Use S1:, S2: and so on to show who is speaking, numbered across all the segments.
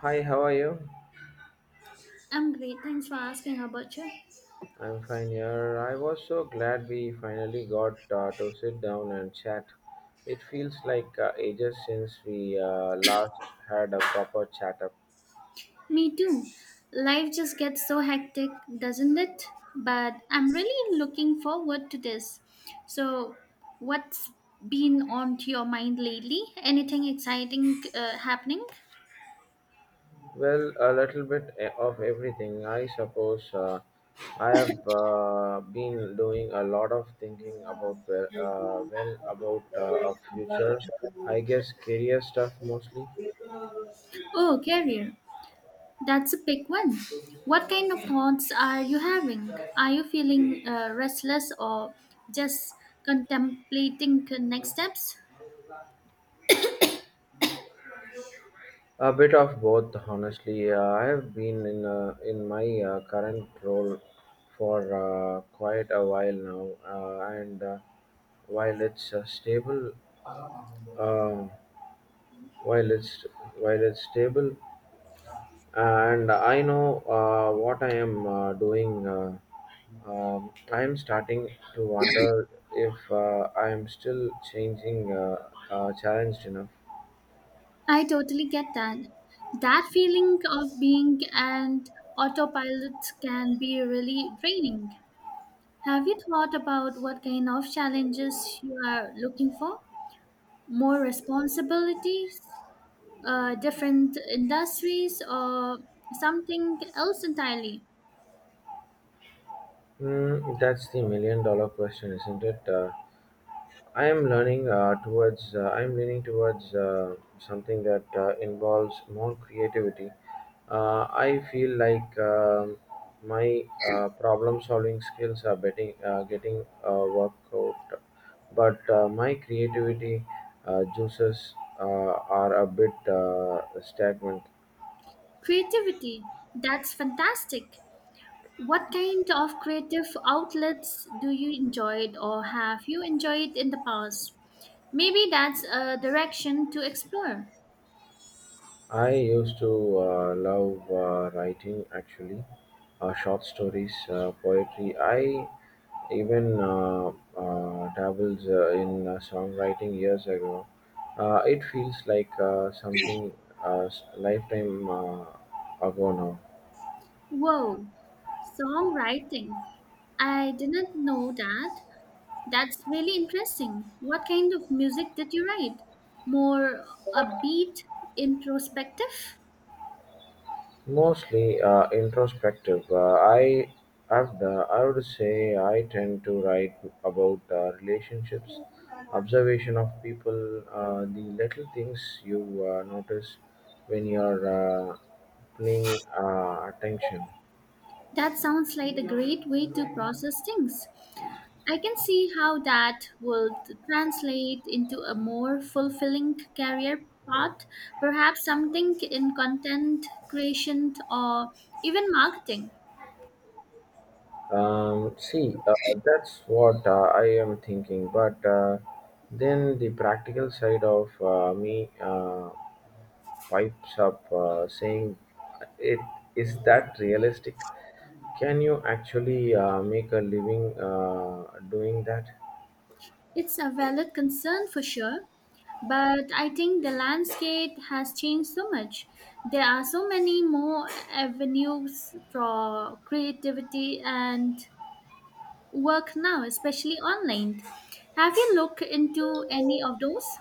S1: Hi, how are you?
S2: I'm great. Thanks for asking. How about you?
S1: I'm fine here. I was so glad we finally got to sit down and chat. It feels like ages since we last had a proper chat up.
S2: Me too. Life just gets so hectic, doesn't it? But I'm really looking forward to this. So, what's been on to your mind lately? Anything exciting happening?
S1: Well, a little bit of everything, I suppose. I have been doing a lot of thinking about about a future. I guess career stuff mostly.
S2: Oh, career. That's a big one. What kind of thoughts are you having? Are you feeling restless or just contemplating next steps?
S1: A bit of both, honestly. I have been in my current role for quite a while now, and while it's uh, stable, uh, while it's while it's stable, and I know what I am doing. I am starting to wonder if I am still challenged enough.
S2: I totally get that. That feeling of being an autopilot can be really draining. Have you thought about what kind of challenges you are looking for? More responsibilities, different industries, or something else entirely?
S1: Mm, that's the million dollar question, isn't it? I am learning towards. I am leaning towards something that involves more creativity. I feel like my problem-solving skills are getting worked out, but my creativity juices uh, are a bit stagnant.
S2: Creativity, that's fantastic. What kind of creative outlets do you enjoyed or have you enjoyed in the past? Maybe that's a direction to explore.
S1: I used to love writing actually, short stories, poetry. I even dabbles in songwriting years ago. It feels like something a s lifetime ago now.
S2: Whoa, songwriting. I didn't know that. That's really interesting. What kind of music did you write? More upbeat, introspective?
S1: Mostly introspective. I would say I tend to write about relationships, observation of people, the little things you notice when you're paying attention.
S2: That sounds like a great way to process things. I can see how that would translate into a more fulfilling career path, perhaps something in content creation or even marketing.
S1: See, that's what I am thinking. But then the practical side of me pipes up saying, "It is that realistic? Can you actually make a living doing that?"
S2: It's a valid concern for sure, but I think the landscape has changed so much. There are so many more avenues for creativity and work now, especially online. Have you looked into any of those?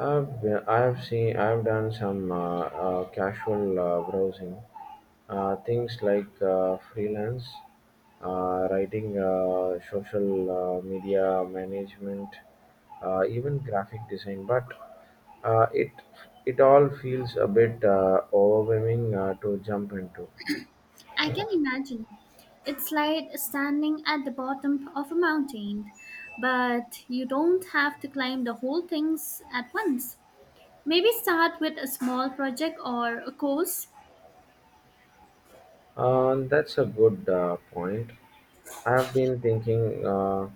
S1: I've done some casual browsing, things like freelance, writing, social media management, even graphic design. But uh, it it all feels a bit overwhelming to jump into.
S2: I can imagine. It's like standing at the bottom of a mountain, but you don't have to climb the whole things at once. Maybe start with a small project or a course.
S1: That's a good point. I've been thinking, uh,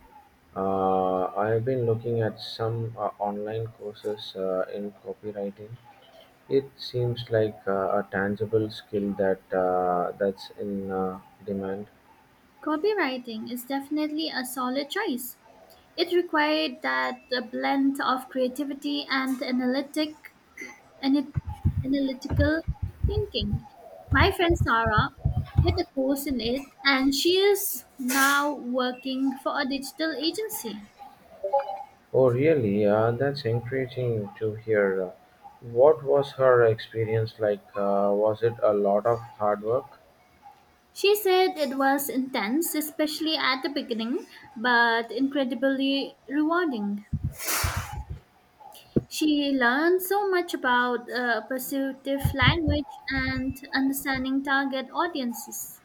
S1: I've been looking at some online courses in copywriting. It seems like a tangible skill that's in demand.
S2: Copywriting is definitely a solid choice. It required that blend of creativity and analytic and it analytical thinking. My friend Sarah did a course in it and she is now working for a digital agency.
S1: Oh, really? That's encouraging to hear. What was her experience like? Was it a lot of hard work?
S2: She said it was intense, especially at the beginning, but incredibly rewarding. She learned so much about persuasive language and understanding target audiences.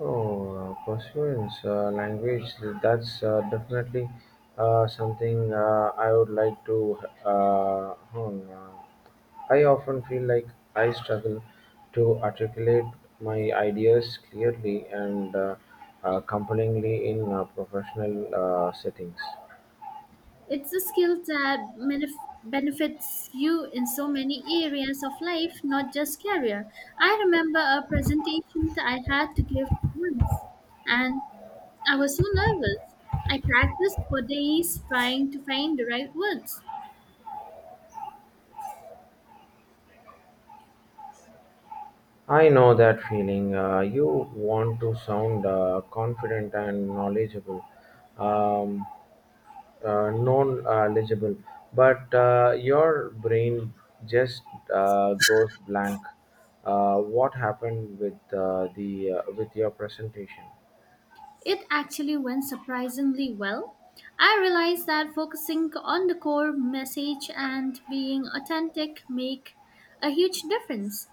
S1: Oh, Perseverance language, that's definitely something I would like to hone. I often feel like I struggle to articulate my ideas clearly and compellingly in professional settings.
S2: It's a skill that benefits you in so many areas of life, not just career. I remember a presentation that I had to give once, and I was so nervous. I practiced for days trying to find the right words.
S1: I know that feeling. You want to sound confident and knowledgeable. Um, Non-legible, but your brain just goes blank. What happened with the with your presentation?
S2: It actually went surprisingly well. I realized that focusing on the core message and being authentic make a huge difference.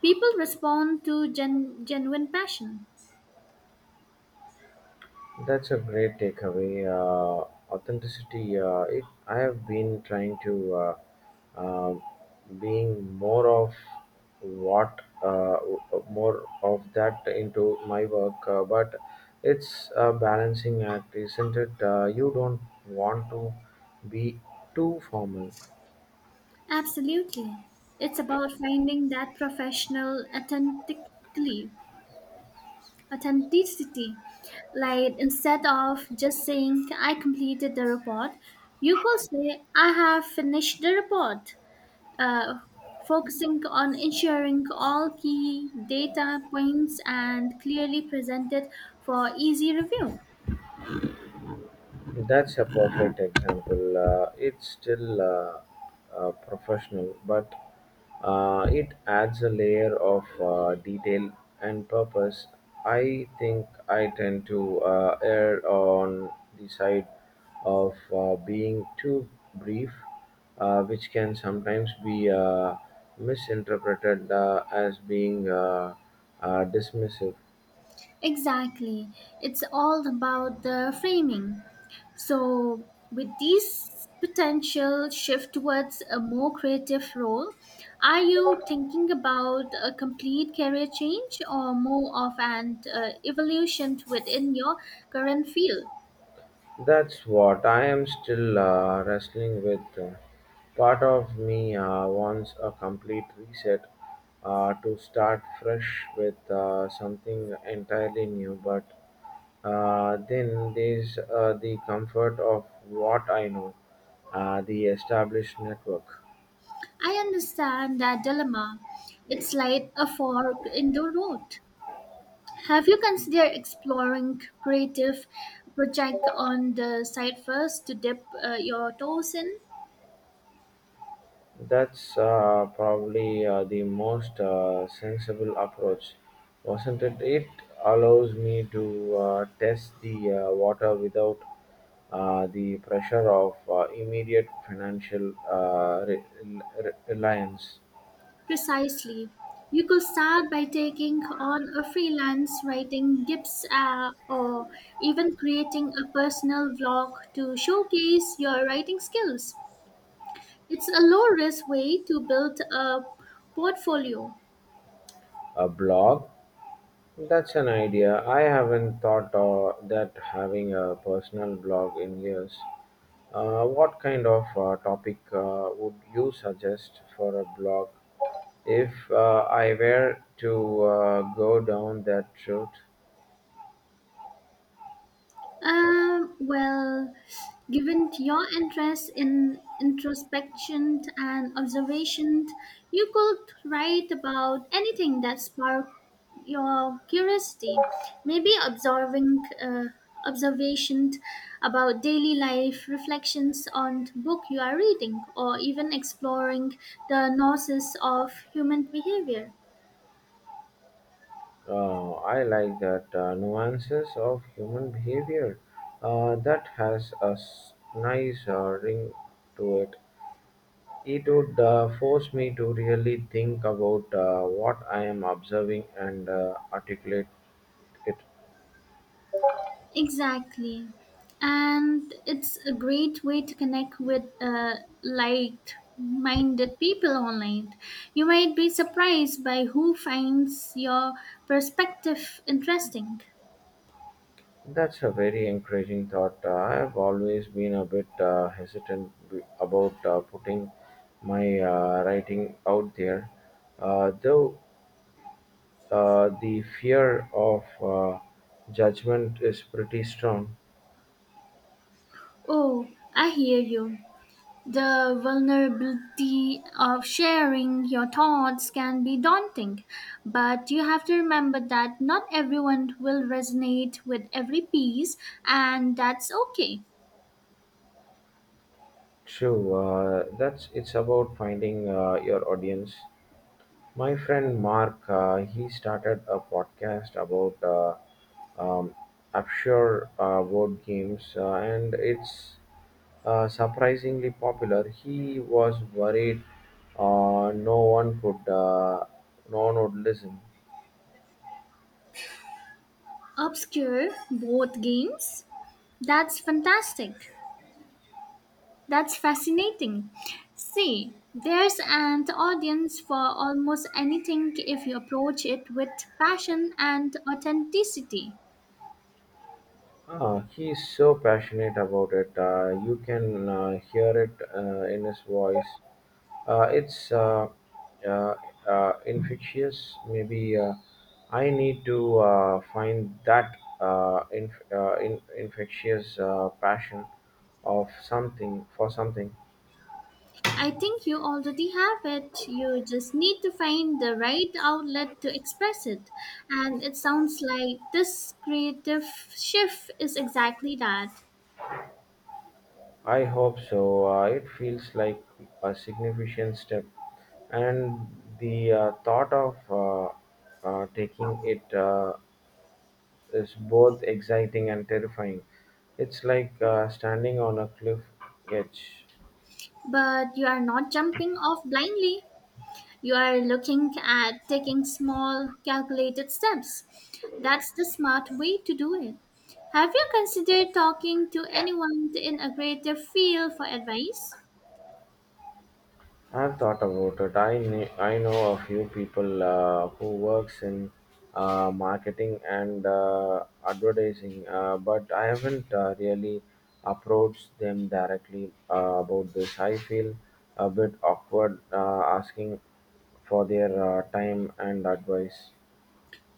S2: People respond to genuine passion.
S1: That's a great takeaway. Authenticity. I have been trying to uh, being more of what more of that into my work, but it's a balancing act, isn't it? You don't want to be too formal.
S2: Absolutely. It's about finding that professional authentically authenticity. Like instead of just saying I completed the report, you could say I have finished the report. Uh, Focusing on ensuring all key data points and clearly presented for easy review.
S1: That's a perfect example. It's still professional, but it adds a layer of detail and purpose. I think I tend to err on the side of being too brief, which can sometimes be misinterpreted as being dismissive.
S2: Exactly. It's all about the framing. So, with these potential shift towards a more creative role, are you thinking about a complete career change or more of an evolution within your current field?
S1: That's what I am still wrestling with. Part of me wants a complete reset to start fresh with something entirely new, but then there's the comfort of what I know, the established network.
S2: I understand that dilemma. It's like a fork in the road. Have you considered exploring creative project on the side first to dip your toes in?
S1: That's probably the most sensible approach, wasn't it? It allows me to test the water without the pressure of immediate financial reliance.
S2: Precisely. You could start by taking on a freelance writing gigs or even creating a personal blog to showcase your writing skills. It's a low risk way to build a portfolio.
S1: A blog? That's an idea. I haven't thought that having a personal blog in years. What kind of topic would you suggest for a blog if I were to go down that route?
S2: Well, given your interest in introspection and observation, you could write about anything that sparked your curiosity. Maybe observing observation about daily life, reflections on book you are reading, or even exploring the nuances of human behavior.
S1: I like that nuances of human behavior. That has a nice ring to it. It would force me to really think about what I am observing and articulate it.
S2: Exactly. And it's a great way to connect with like minded people online. You might be surprised by who finds your perspective interesting.
S1: That's a very encouraging thought. I've always been a bit hesitant about putting my writing out there, though the fear of judgment is pretty strong.
S2: Oh, I hear you. The vulnerability of sharing your thoughts can be daunting, but you have to remember that not everyone will resonate with every piece, and that's okay.
S1: True, that's it's about finding your audience. My friend Mark, he started a podcast about um, offshore board games, and it's surprisingly popular. He was worried uh, no one could, uh, no one would listen.
S2: Obscure board games. That's fantastic. That's fascinating. See, there's an audience for almost anything if you approach it with passion and authenticity.
S1: He is so passionate about it. You can hear it in his voice. It's uh, infectious. Maybe I need to find that infectious passion of something for something.
S2: I think you already have it. You just need to find the right outlet to express it. And it sounds like this creative shift is exactly that.
S1: I hope so. It feels like a significant step, and the thought of taking it is both exciting and terrifying. It's like standing on a cliff edge.
S2: But you are not jumping off blindly. You are looking at taking small, calculated steps. That's the smart way to do it. Have you considered talking to anyone in a greater field for advice?
S1: I've thought about it. I know a few people who works in marketing and advertising, but I haven't really approached them directly about this. I feel a bit awkward asking for their time and advice.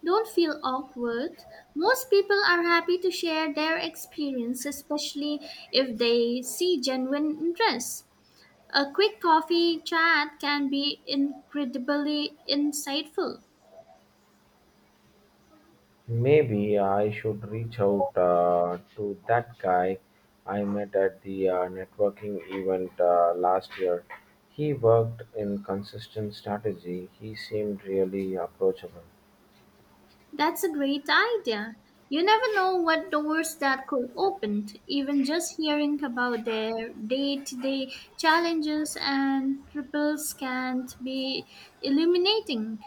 S2: Don't feel awkward. Most people are happy to share their experience, especially if they see genuine interest. A quick coffee chat can be incredibly insightful.
S1: Maybe I should reach out to that guy I met at the networking event last year. He worked in consistent strategy. He seemed really approachable.
S2: That's a great idea. You never know what doors that could open. Even just hearing about their day to day challenges and ripples can be illuminating.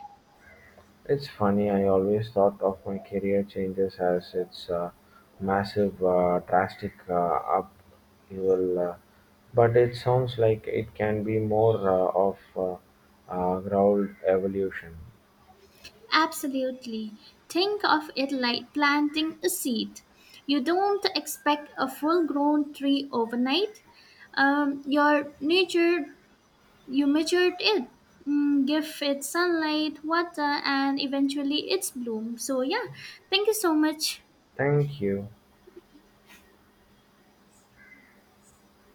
S1: It's funny, I always thought of my career changes as its massive, drastic upheaval, but it sounds like it can be more of ground evolution.
S2: Absolutely. Think of it like planting a seed. You don't expect a full grown tree overnight. Your nature You matured it, mm, give it sunlight, water, and eventually its bloom. So, yeah, thank you so much.
S1: Thank you.